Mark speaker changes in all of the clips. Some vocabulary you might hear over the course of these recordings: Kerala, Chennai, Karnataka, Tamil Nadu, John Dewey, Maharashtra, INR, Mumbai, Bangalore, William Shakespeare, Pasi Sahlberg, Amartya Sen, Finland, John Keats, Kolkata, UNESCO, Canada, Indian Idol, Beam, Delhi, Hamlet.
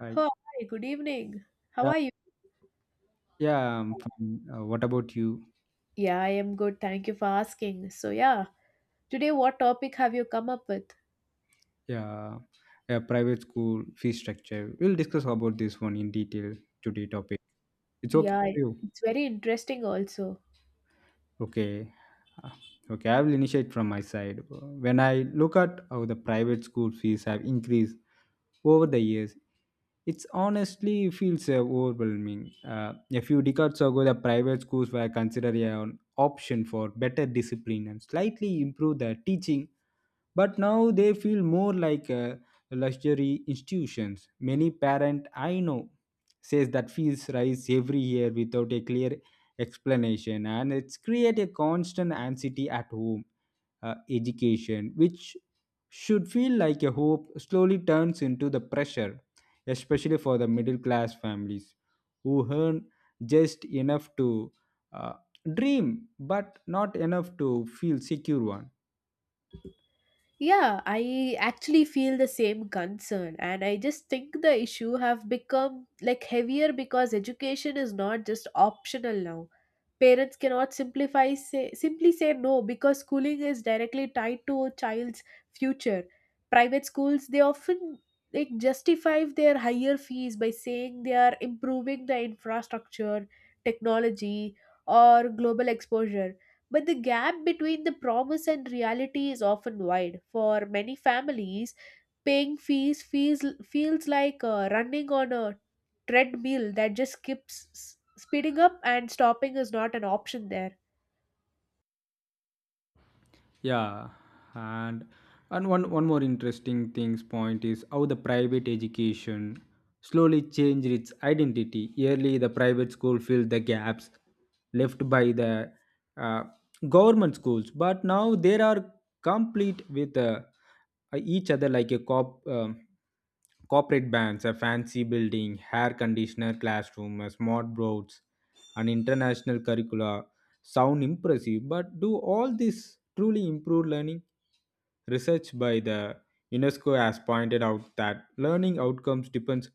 Speaker 1: Hi.
Speaker 2: Oh, hi, good evening. How
Speaker 1: Yeah,
Speaker 2: are you?
Speaker 1: yeah, I'm fine. What about you?
Speaker 2: Yeah, I am good. Thank you for asking. So, yeah, today what topic have you come up with?
Speaker 1: Yeah, a private school fee structure. We'll discuss about this one in detail today topic. It's okay
Speaker 2: Yeah,
Speaker 1: for you.
Speaker 2: it's very interesting also.
Speaker 1: Okay. Uh, Okay, I will initiate from my side. When I look at how the private school fees have increased over the years, it's honestly feels overwhelming. A few decades ago, the private schools were considered an option for better discipline and slightly improve the teaching, but now they feel more like luxury institutions. Many parent I know says that fees rise every year without a clear explanation, and it's create a constant anxiety at home. Education, which should feel like a hope, slowly turns into the pressure, especially for the middle class families who earn just enough to uh, dream but not enough to feel secure one.
Speaker 2: Yeah, I actually feel the same concern, and I just think the issue have become like heavier because education is not just optional now. Parents cannot simplify say simply say no because schooling is directly tied to a child's future. Private schools, they often like justify their higher fees by saying they are improving the infrastructure, technology, or global exposure, but the gap between the promise and reality is often wide. For many families, paying fees feels like running on a treadmill that just keeps speeding up, and stopping is not an option there.
Speaker 1: Yeah, and and one more interesting things point is how the private education slowly changed its identity. Early, the private school filled the gaps left by the uh, government schools, but now they are complete with each other like a cop. Corporate bands, a fancy building, hair conditioner classroom, a smart boards, and international curricula sound impressive, but do all this truly improve learning? Research by the UNESCO has pointed out that learning outcomes depends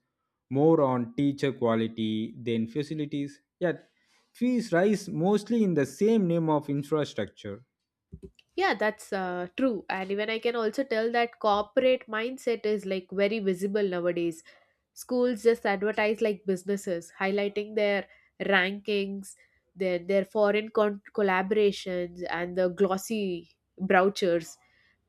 Speaker 1: more on teacher quality than facilities, yet fees rise mostly in the same name of infrastructure.
Speaker 2: Yeah, that's true. And even I can also tell that corporate mindset is like very visible nowadays. Schools just advertise like businesses, highlighting their rankings, their foreign collaborations, and the glossy brochures.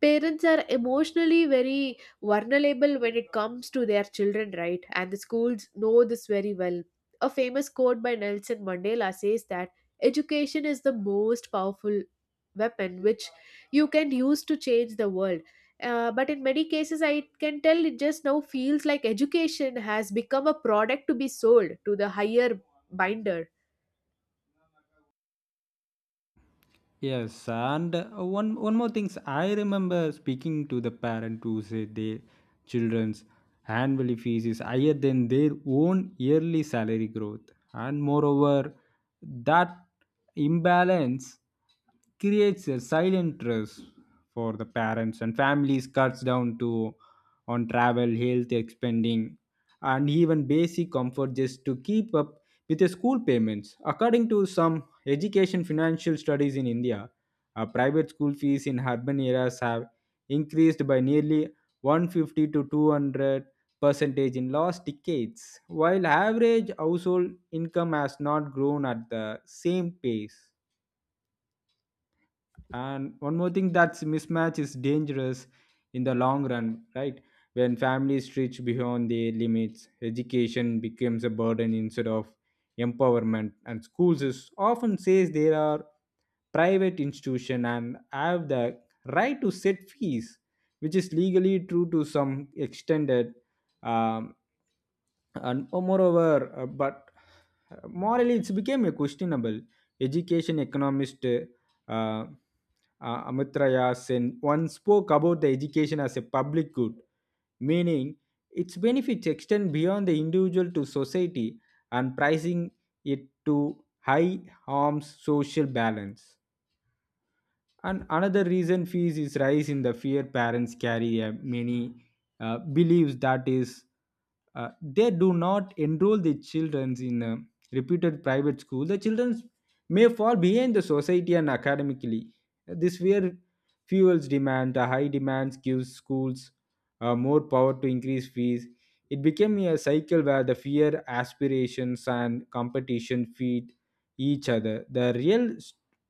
Speaker 2: Parents are emotionally very vulnerable when it comes to their children, right? And the schools know this very well. A famous quote by Nelson Mandela says that education is the most powerful weapon which you can use to change the world, but in many cases I can tell it just now feels like education has become a product to be sold to the higher binder.
Speaker 1: Yes, and one more things. I remember speaking to the parent who said their children's annual fees is higher than their own yearly salary growth, and moreover, that imbalance creates a silent stress for the parents, and families cuts down to on travel, health spending, and even basic comfort just to keep up with the school payments. According to some education financial studies in India, private school fees in urban areas have increased by nearly 150 to 200 percentage in last decades, while average household income has not grown at the same pace, and one more thing, that's mismatch is dangerous in the long run, right? When families stretch beyond their limits, education becomes a burden instead of empowerment, and schools is often says there are private institution and have the right to set fees, which is legally true to some extended. um, and oh, moreover, but morally it's became a questionable. Education economist uh, Amartya Sen once spoke about the education as a public good, meaning its benefits extend beyond the individual to society, and pricing it to high harms social balance. And another reason fees is rise in the fear parents carry. Many beliefs that is, they do not enroll the children in a reputed private school. The children may fall behind the society and academically. This fear fuels demand. The high demands gives schools more power to increase fees. It became a cycle where the fear, aspirations, and competition feed each other. The real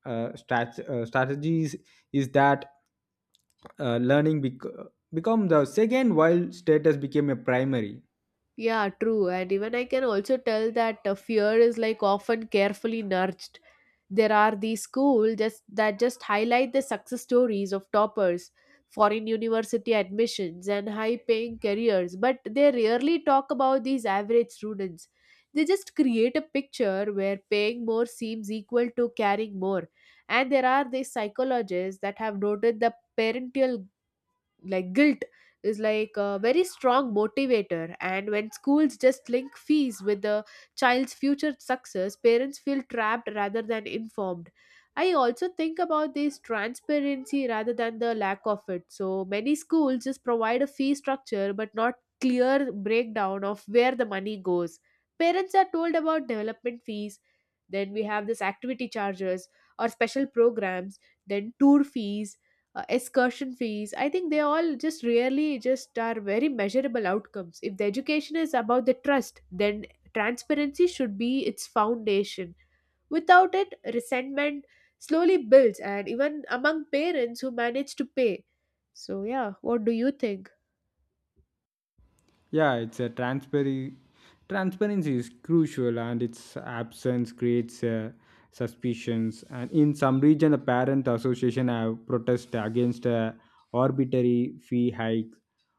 Speaker 1: strategies is that learning become the second, while status became a primary.
Speaker 2: Yeah, true. And even I can also tell that fear is like often carefully nudged. There are these that just highlight the success stories of toppers, foreign university admissions, and high paying careers, but they rarely talk about these average students. They just create a picture where paying more seems equal to caring more. And there are these psychologists that have noted the parental like guilt is like a very strong motivator, and when schools just link fees with the child's future success, parents feel trapped rather than informed. I also think about this transparency rather than the lack of it. So many schools just provide a fee structure but not clear breakdown of where the money goes. Parents are told about development fees, then we have this activity charges or special programs, then tour fees, excursion fees. I think they all just really just are very measurable outcomes. If the education is about the trust, then transparency should be its foundation. Without it, resentment slowly builds, and even among parents who manage to pay. So yeah, what do you think?
Speaker 1: Yeah, it's a transparency. Transparency is crucial, and its absence creates suspicions. And in some region, the parent association have protested against arbitrary fee hikes,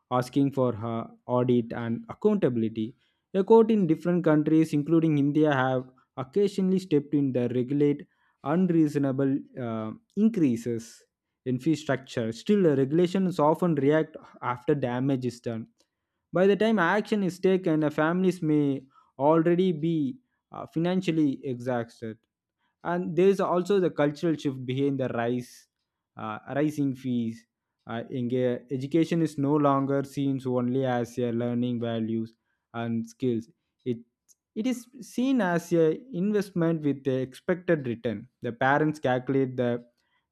Speaker 1: asking for audit and accountability. A court in different countries, including India, have occasionally stepped in to regulate unreasonable increases in fee structure. Still, the regulations often react after damage is done. By the time action is taken, families may already be financially exhausted. And there is also the cultural shift behind the rise rising fees. Education is no longer seen only as a learning values and skills. It it is seen as a investment with the expected return. The parents calculate the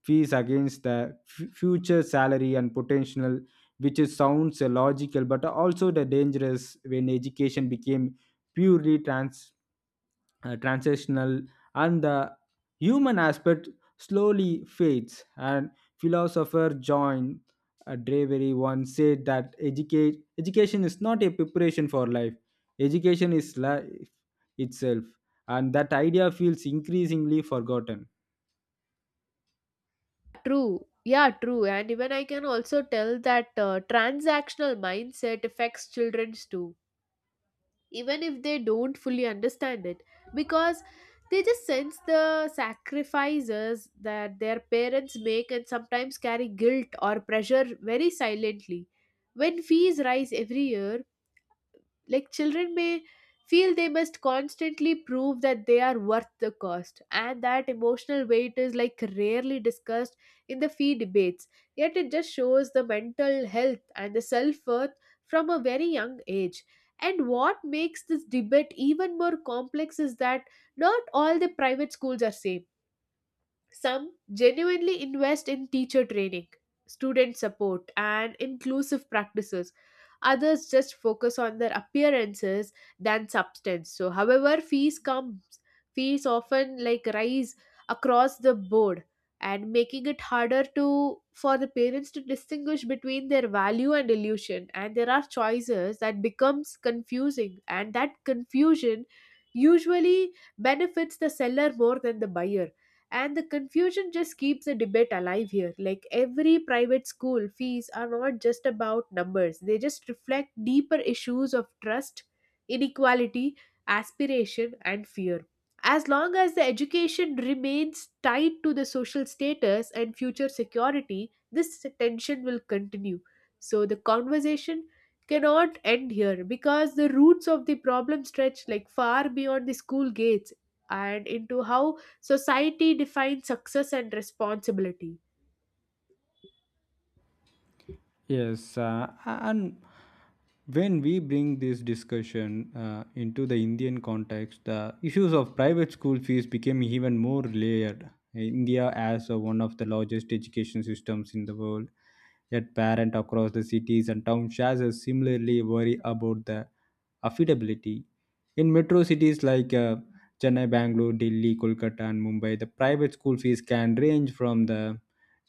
Speaker 1: fees against the future salary and potential, which is sounds logical but also the dangerous when education became purely transitional, and the human aspect slowly fades. And philosopher John Dravery once said that education is not a preparation for life, education is life itself, and that idea feels increasingly forgotten.
Speaker 2: True. Yeah, true. And even I can also tell that transactional mindset affects children's too, even if they don't fully understand it, because they just sense the sacrifices that their parents make, and sometimes carry guilt or pressure very silently. When fees rise every year, like children may feel they must constantly prove that they are worth the cost, and that emotional weight is like rarely discussed in the fee debates. Yet it just shows the mental health and the self worth from a very young age. And what makes this debate even more complex is that not all the private schools are same. Some genuinely invest in teacher training, student support, and inclusive practices. Others just focus on their appearances than substance. So, however, fees often like rise across the board, and making it harder to for the parents to distinguish between their value and illusion. And there are choices that becomes confusing, and that confusion usually benefits the seller more than the buyer. And the confusion just keeps the debate alive here. Like every private school fees are not just about numbers. They just reflect deeper issues of trust, inequality, aspiration, and fear. As long as the education remains tied to the social status and future security, this tension will continue. So the conversation cannot end here, because the roots of the problem stretch like far beyond the school gates and into how society defines success and responsibility.
Speaker 1: Yes, and when we bring this discussion into the Indian context, the issues of private school fees became even more layered. India has one of the largest education systems in the world, yet parents across the cities and towns similarly worry about the affordability. In metro cities like Chennai, Bangalore, Delhi, Kolkata, and Mumbai, the private school fees can range from the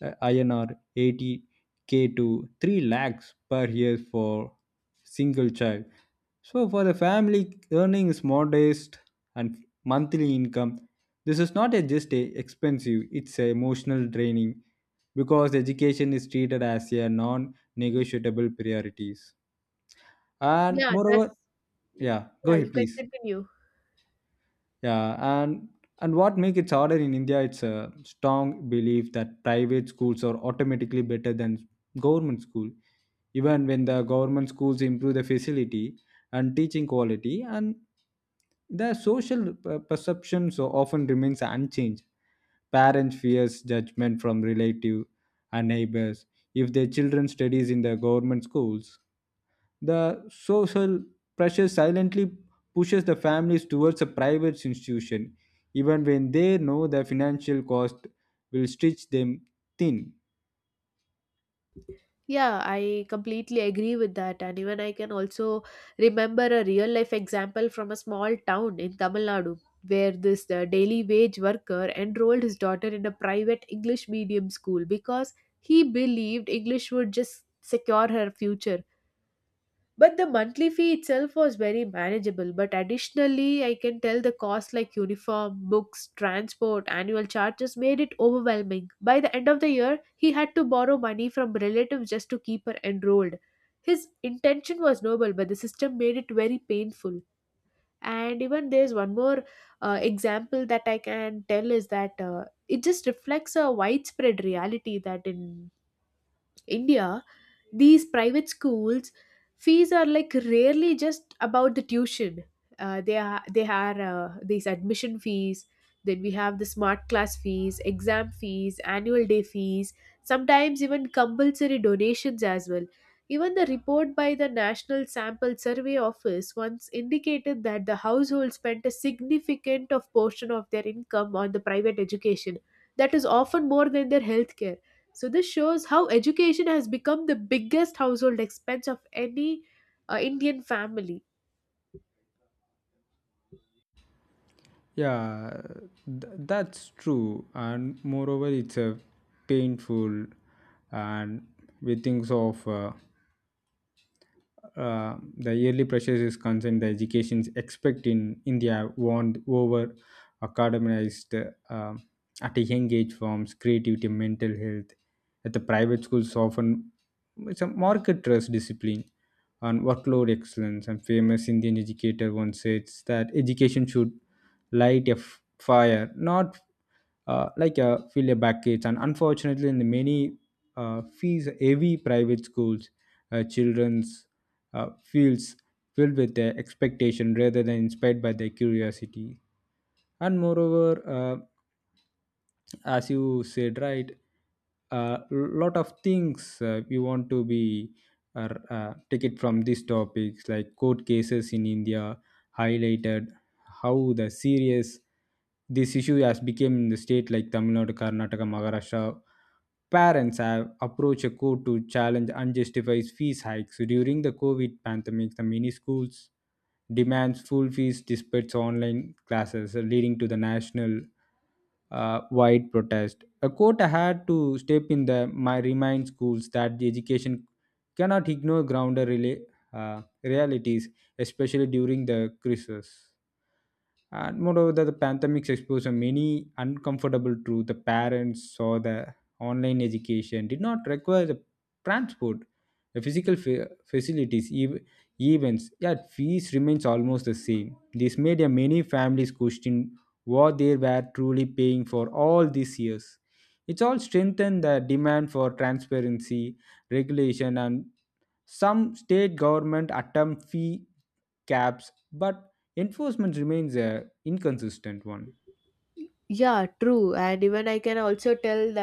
Speaker 1: INR 80K to 3 lakhs per year for single child. So, for a family earning is modest and monthly income, this is not a just a expensive, it's a emotional draining because education is treated as a non negotiable priorities. And
Speaker 2: Yeah,
Speaker 1: moreover,
Speaker 2: that's...
Speaker 1: yeah, go
Speaker 2: yeah, you
Speaker 1: ahead,
Speaker 2: can
Speaker 1: please.
Speaker 2: continue.
Speaker 1: Yeah, and what make it harder in India? It's a strong belief that private schools are automatically better than government school, even when the government schools improve the facility and teaching quality, and the social perception so often remains unchanged. Parents fears judgment from relative and neighbors if their children studies in the government schools. The social pressure silently pushes the families towards a private institution, even when they know the financial cost will stretch them thin.
Speaker 2: Yeah, I completely agree with that. And even I can also remember a real life example from a small town in Tamil Nadu where this daily wage worker enrolled his daughter in a private English medium school because he believed English would just secure her future. But the monthly fee itself was very manageable. But additionally, I can tell the cost like uniform, books, transport, annual charges made it overwhelming. By the end of the year, he had to borrow money from relatives just to keep her enrolled. His intention was noble, but the system made it very painful. And even there's one more example that I can tell is that it just reflects a widespread reality that in India, these private schools fees are like rarely just about the tuition. They are these admission fees. Then we have the smart class fees, exam fees, annual day fees. Sometimes even compulsory donations as well. Even the report by the National Sample Survey Office once indicated that the household spent a significant of portion of their income on the private education. That is often more than their healthcare. So this shows how education has become the biggest household expense of any Indian family.
Speaker 1: Yeah, that's true. And moreover, it's a painful, and we think of the yearly pressures is concerned, the educations expect in India warned over academized at a young age forms creativity, mental health. At the private schools, often it's a market trust discipline and workload excellence. And famous Indian educator once said that education should light a fire, not like fill a kids, and unfortunately in the many fees heavy private schools, children's feels filled with their expectation rather than inspired by their curiosity. And moreover, uh, as you said right, a lot of things we want to be or take it from these topics like court cases in India highlighted how the serious this issue has become in the state like Tamil Nadu, Karnataka, Maharashtra. Parents have approached a court to challenge unjustified fees hikes. During the COVID pandemic, the many schools demands full fees despite online classes, leading to the national wide protest. A court had to step in the my remind schools that the education cannot ignore grounder realities, especially during the crisis. And moreover, the pandemic exposure many uncomfortable truth. The parents saw the online education did not require the transport, the physical facilities, events. Yet fees remains almost the same. This made a many families question what they were truly paying for all these years. It's all strengthened the demand for transparency, regulation, and some state government attempt fee caps, but enforcement remains a inconsistent one.
Speaker 2: Yeah, true. And even I can also tell the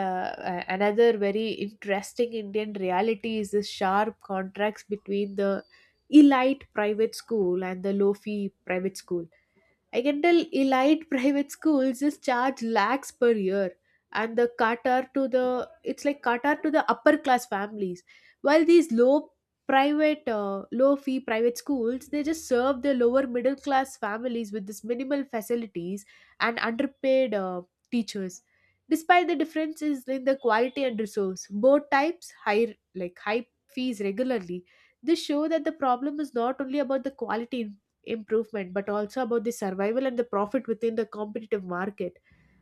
Speaker 2: another very interesting Indian reality is the sharp contrast between the elite private school and the low fee private school. I can tell elite private schools just charge lakhs per year, and the Qatar to the it's like Qatar to the upper class families. While these low fee private schools, they just serve the lower middle class families with this minimal facilities and underpaid teachers. Despite the differences in the quality and resource, both types high like high fees regularly. This show that the problem is not only about the quality improvement but also about the survival and the profit within the competitive market.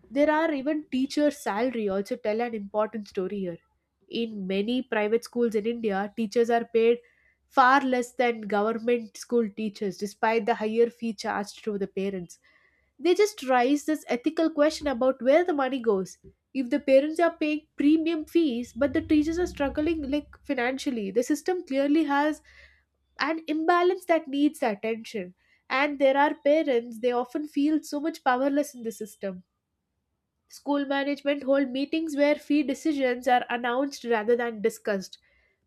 Speaker 2: There are even teachers salary also tell an important story here. In many private schools in India, teachers are paid far less than government school teachers despite the higher fee charged to the parents. They just raise this ethical question about where the money goes. If the parents are paying premium fees but the teachers are struggling like financially, the system clearly has an imbalance that needs attention. And there are parents, they often feel so much powerless in the system. School management hold meetings where fee decisions are announced rather than discussed.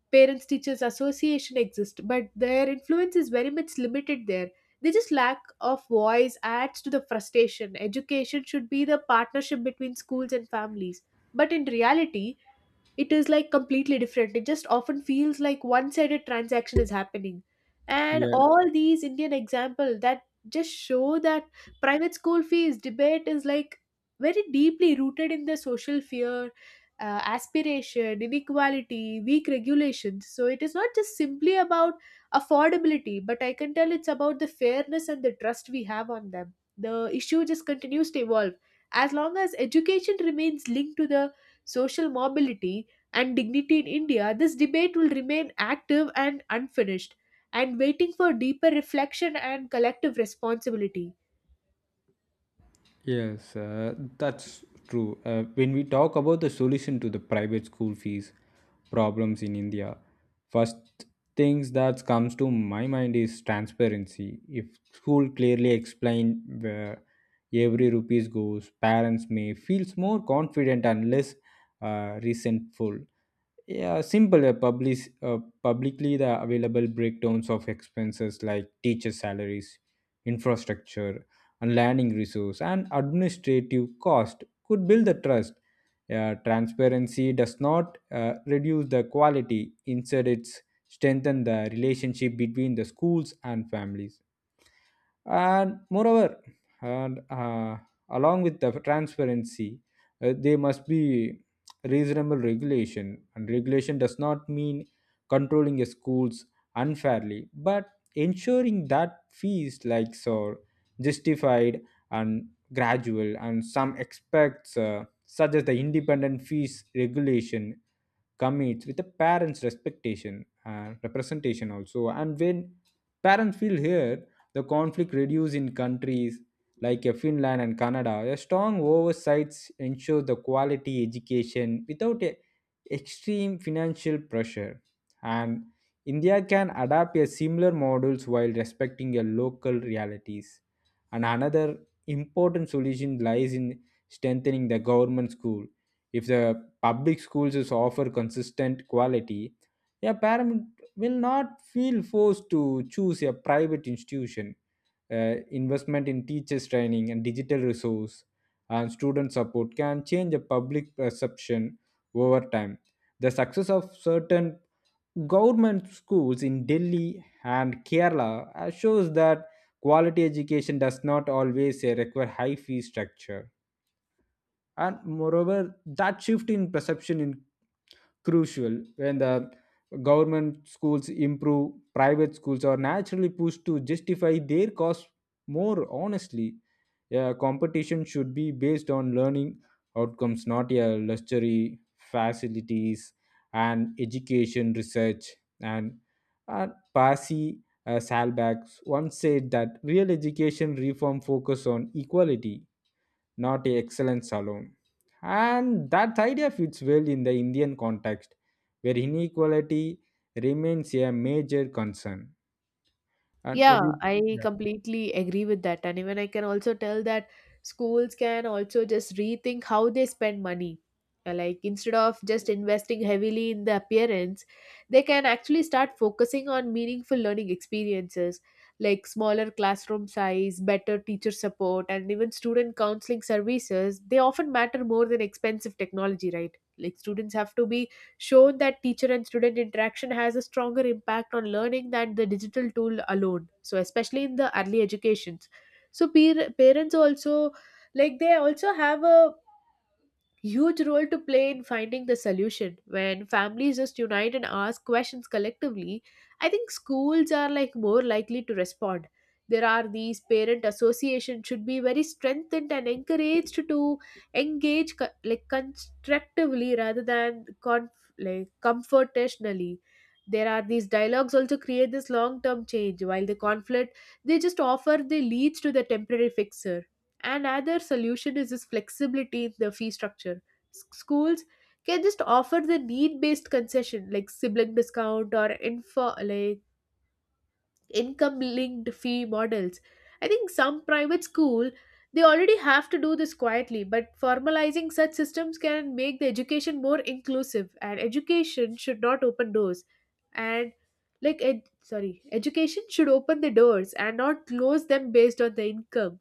Speaker 2: Parents Teachers Association exists, but their influence is very much limited there. They just lack of voice adds to the frustration. Education should be the partnership between schools and families. But in reality, it is like completely different. It just often feels like one sided transaction is happening. And all these Indian example, that just show that private school fees debate is like very deeply rooted in the social fear, aspiration, inequality, weak regulations. So it is not just simply about affordability, but I can tell it's about the fairness and the trust we have on them. The issue just continues to evolve. As long as education remains linked to the social mobility and dignity in India, this debate will remain active and unfinished, and waiting for deeper reflection and collective responsibility.
Speaker 1: Yes, that's true. When we talk about the solution to the private school fees problems in India, first things that comes to my mind is transparency. If school clearly explain where every rupees goes, parents may feels more confident and less resentful. Yeah, simple. Uh, Publicly the available breakdowns of expenses like teacher salaries, infrastructure, and learning resource and administrative cost could build the trust. Transparency does not reduce the quality, instead, it strengthens the relationship between the schools and families. And moreover, and along with the transparency, there must be reasonable regulation, and regulation does not mean controlling a schools unfairly, but ensuring that fees like so justified and gradual. And some expects such as the independent fees regulation commits with the parents' respectation and representation also. And when parents feel here, the conflict reduced. In countries like Finland and Canada, a strong oversight ensures the quality education without a extreme financial pressure. And India can adapt a similar models while respecting your local realities. And another important solution lies in strengthening the government school. If the public schools is offer consistent quality, yeah, will not feel forced to choose a private institution. Investment in teachers' training and digital resource and student support can change a public perception over time. The success of certain government schools in Delhi and Kerala shows that quality education does not always require high fee structure. And moreover, that shift in perception in crucial. When the government schools improve, private schools are naturally pushed to justify their costs more honestly. Yeah, competition should be based on learning outcomes, not a luxury facilities. And education research, and uh, Pasi Salbach once said that real education reform focus on equality, not excellence alone. And that idea fits well in the Indian context, where inequality remains a major concern. And what
Speaker 2: Yeah,
Speaker 1: do you?
Speaker 2: I
Speaker 1: Yeah.
Speaker 2: completely agree with that. And even I can also tell that schools can also just rethink how they spend money. Like instead of just investing heavily in the appearance, they can actually start focusing on meaningful learning experiences like smaller classroom size, better teacher support, and even student counseling services. They often matter more than expensive technology, right? Like students have to be shown that teacher and student interaction has a stronger impact on learning than the digital tool alone, so especially in the early educations. So peer, parents also like they also have a huge role to play in finding the solution. When families just unite and ask questions collectively, I think schools are like more likely to respond. There are these parent associations should be very strengthened and encouraged to engage like constructively rather than like confrontationally. There are these dialogues also create this long term change, while the conflict they just offer the leads to the temporary fixer. Another solution is this flexibility in the fee structure. Schools can just offer the need-based concession like sibling discount or info like income linked fee models. I think some private school they already have to do this quietly, but formalizing such systems can make the education more inclusive. And education should not open doors and sorry, education should open the doors and not close them based on the income.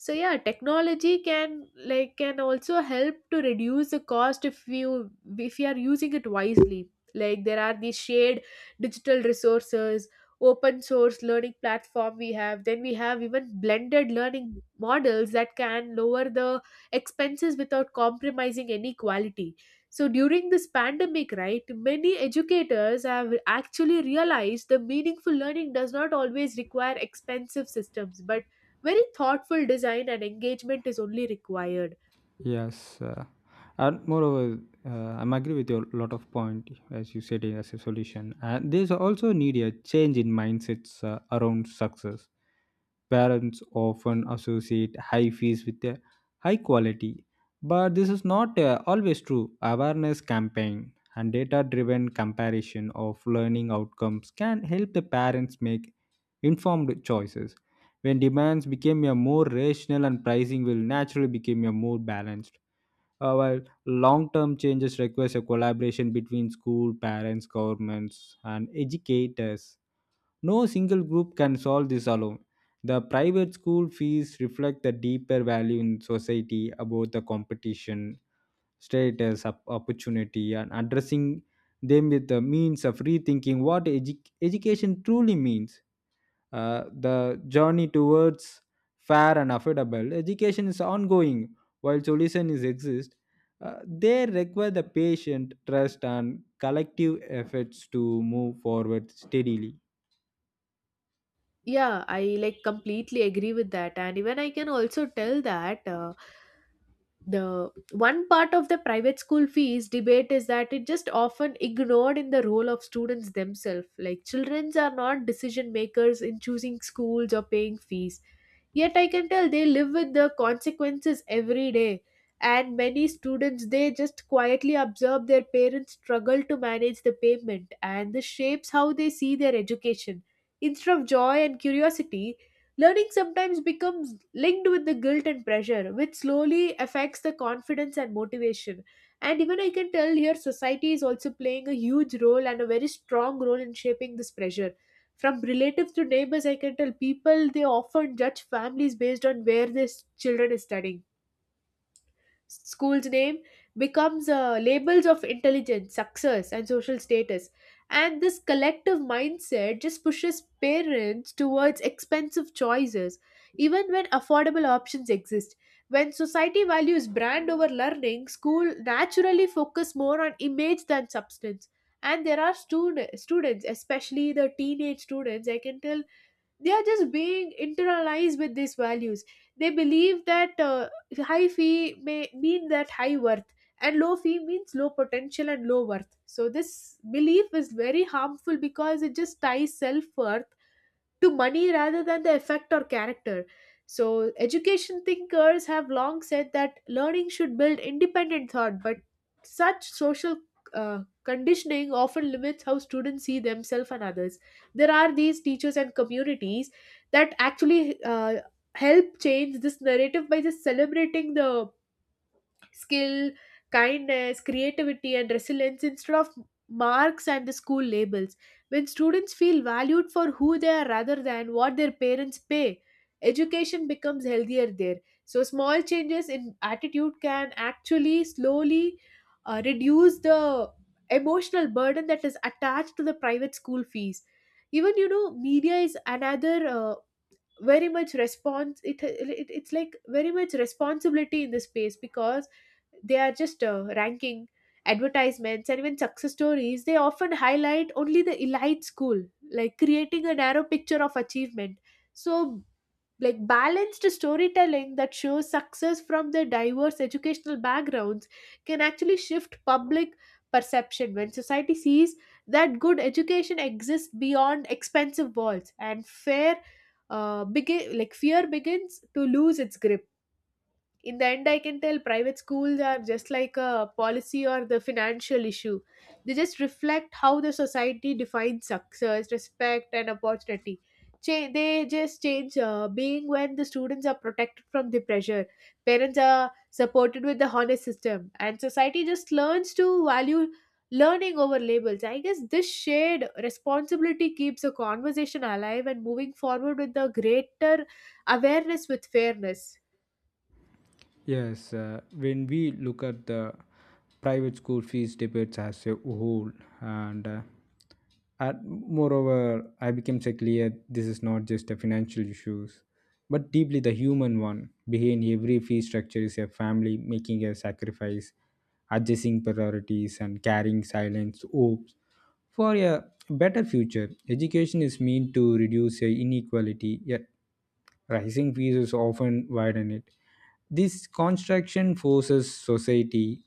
Speaker 2: So yeah, technology can like can also help to reduce the cost if you are using it wisely. Like there are these shared digital resources, open source learning platform we have, then we have even blended learning models that can lower the expenses without compromising any quality. So during this pandemic, right, many educators have actually realized the meaningful learning does not always require expensive systems, but very thoughtful design and engagement is only required.
Speaker 1: Yes, and moreover, I'm agree with your lot of point as you said it as a solution. And there's also need a change in mindsets around success. Parents often associate high fees with a high quality, but this is not always true. Awareness campaign and data-driven comparison of learning outcomes can help the parents make informed choices when demands became a more rational and pricing will naturally become a more balanced. While long-term changes requires a collaboration between school, parents, governments, and educators. No single group can solve this alone. The private school fees reflect the deeper value in society about the competition, status, opportunity, and addressing them with the means of rethinking what education truly means. The journey towards fair and affordable education is ongoing. While solutions exist, they require the patient trust and collective efforts to move forward steadily.
Speaker 2: Yeah, I like completely agree with that, and even I can also tell that the one part of the private school fees debate is that it just often ignored in the role of students themselves. Like children are not decision makers in choosing schools or paying fees. Yet I can tell they live with the consequences every day. And many students, they just quietly observe their parents struggle to manage the payment, and this shapes how they see their education. Instead of joy and curiosity, learning sometimes becomes linked with the guilt and pressure, which slowly affects the confidence and motivation. And even I can tell here society is also playing a huge role and a very strong role in shaping this pressure. From relatives to neighbors, I can tell people they often judge families based on where their children is studying. School's name becomes labels of intelligence, success, and social status. And this collective mindset just pushes parents towards expensive choices, even when affordable options exist. When society values brand over learning, school naturally focus more on image than substance. And there are students, especially the teenage students, I can tell they are just being internalized with these values. They believe that high fee may mean that high worth, and low fee means low potential and low worth. So this belief is very harmful because it just ties self-worth to money rather than the effect or character. So, education thinkers have long said that learning should build independent thought, but such social conditioning often limits how students see themselves and others. There are these teachers and communities that actually help change this narrative by just celebrating the skill, kindness, creativity, and resilience instead of marks and the school labels. When students feel valued for who they are rather than what their parents pay, education becomes healthier there. So, small changes in attitude can actually slowly reduce the emotional burden that is attached to the private school fees. Even media is another very much response it's like very much responsibility in this space, because they are just ranking advertisements, and even success stories they often highlight only the elite school, like creating a narrow picture of achievement. So like balanced storytelling that shows success from their diverse educational backgrounds can actually shift public perception. When society sees that good education exists beyond expensive walls, and fair begin like fear begins to lose its grip. In the end, I can tell private schools are just like a policy or the financial issue. They just reflect how the society defines success, respect, and opportunity. They just change being when the students are protected from the pressure, parents are supported with the honest system, and society just learns to value learning over labels. I guess this shared responsibility keeps a conversation alive and moving forward with the greater awareness, with fairness.
Speaker 1: Yes, when we look at the private school fees debates as a whole, and uh, moreover, I became so clear this is not just a financial issues, but deeply the human one. Behind every fee structure is a family making a sacrifice, adjusting priorities, and carrying silence hopes for a better future. Education is meant to reduce inequality, yet rising fees is often widen it. This construction forces society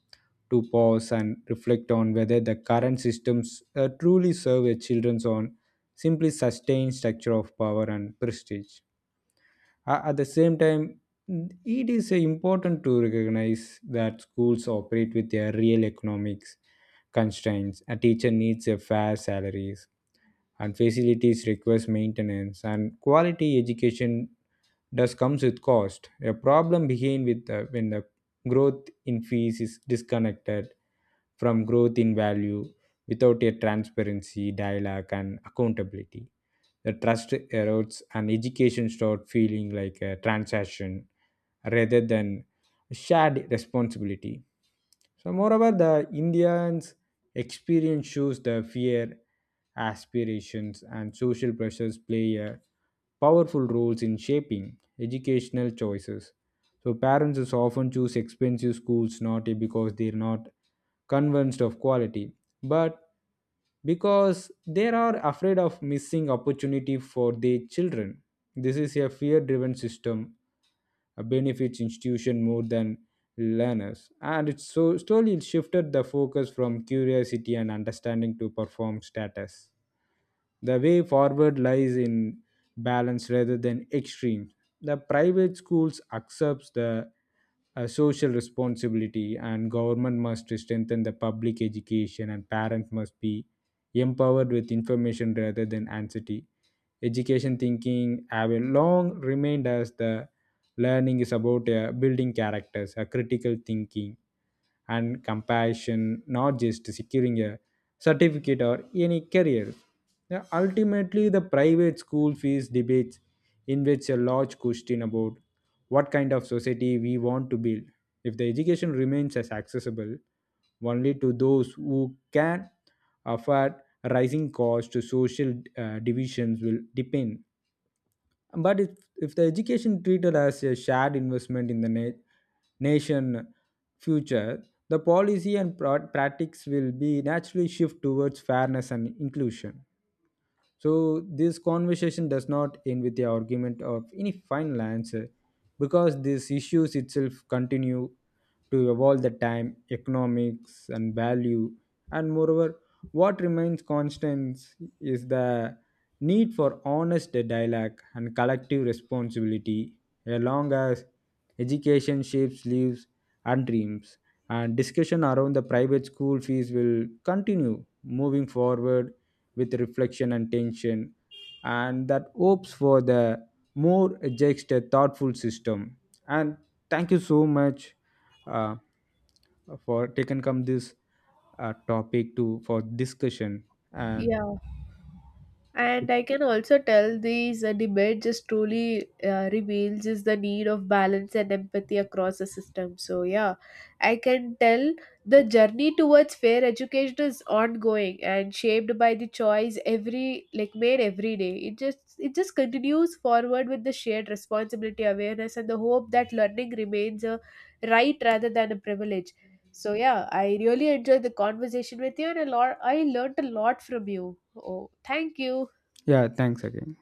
Speaker 1: to pause and reflect on whether the current systems truly serve its children on simply sustained structure of power and prestige. At the same time it is important to recognize that schools operate with their real economics constraints. A teacher needs a fair salaries and facilities requires maintenance and quality education does comes with cost. A problem begins with when the growth in fees is disconnected from growth in value. Without a transparency dialogue and accountability, the trust erodes and education starts feeling like a transaction rather than shared responsibility. So, moreover, the Indians' experience shows the fear, aspirations, and social pressures play a powerful roles in shaping educational choices. So, parents is often choose expensive schools not because they're not convinced of quality, but because they are afraid of missing opportunity for their children. This is a fear-driven system. Benefits institution more than learners and it so slowly shifted the focus from curiosity and understanding to perform status. The way forward lies in balance rather than extreme. The private schools accepts the social responsibility and government must strengthen the public education and parents must be empowered with information rather than anxiety. Education thinking have a long remained as the learning is about building characters, critical thinking, and compassion, not just securing a certificate or any career. Yeah, ultimately, the private school fees debates invades a large question about what kind of society we want to build. If the education remains as accessible only to those who can afford rising costs, social divisions will deepen. But if the education treated as a shared investment in the nation future, the policy and practice will be naturally shift towards fairness and inclusion. So this conversation does not end with the argument of any final answer because these issues itself continue to evolve the time, economics and value. And moreover, what remains constant is the need for honest dialogue and collective responsibility along as education shapes lives and dreams and discussion around the private school fees will continue moving forward with reflection and tension and that hopes for the more just a thoughtful system. And thank you so much uh, for taking come this topic to for discussion and
Speaker 2: Yeah. And I can also tell these debate just truly reveals is the need of balance and empathy across the system. So yeah, I can tell the journey towards fair education is ongoing and shaped by the choice every like made every day. It just continues forward with the shared responsibility, awareness, and the hope that learning remains a right rather than a privilege. So yeah, I really enjoyed the conversation with you, and a lot I learned a lot from you. Oh, thank you.
Speaker 1: yeah, thanks again.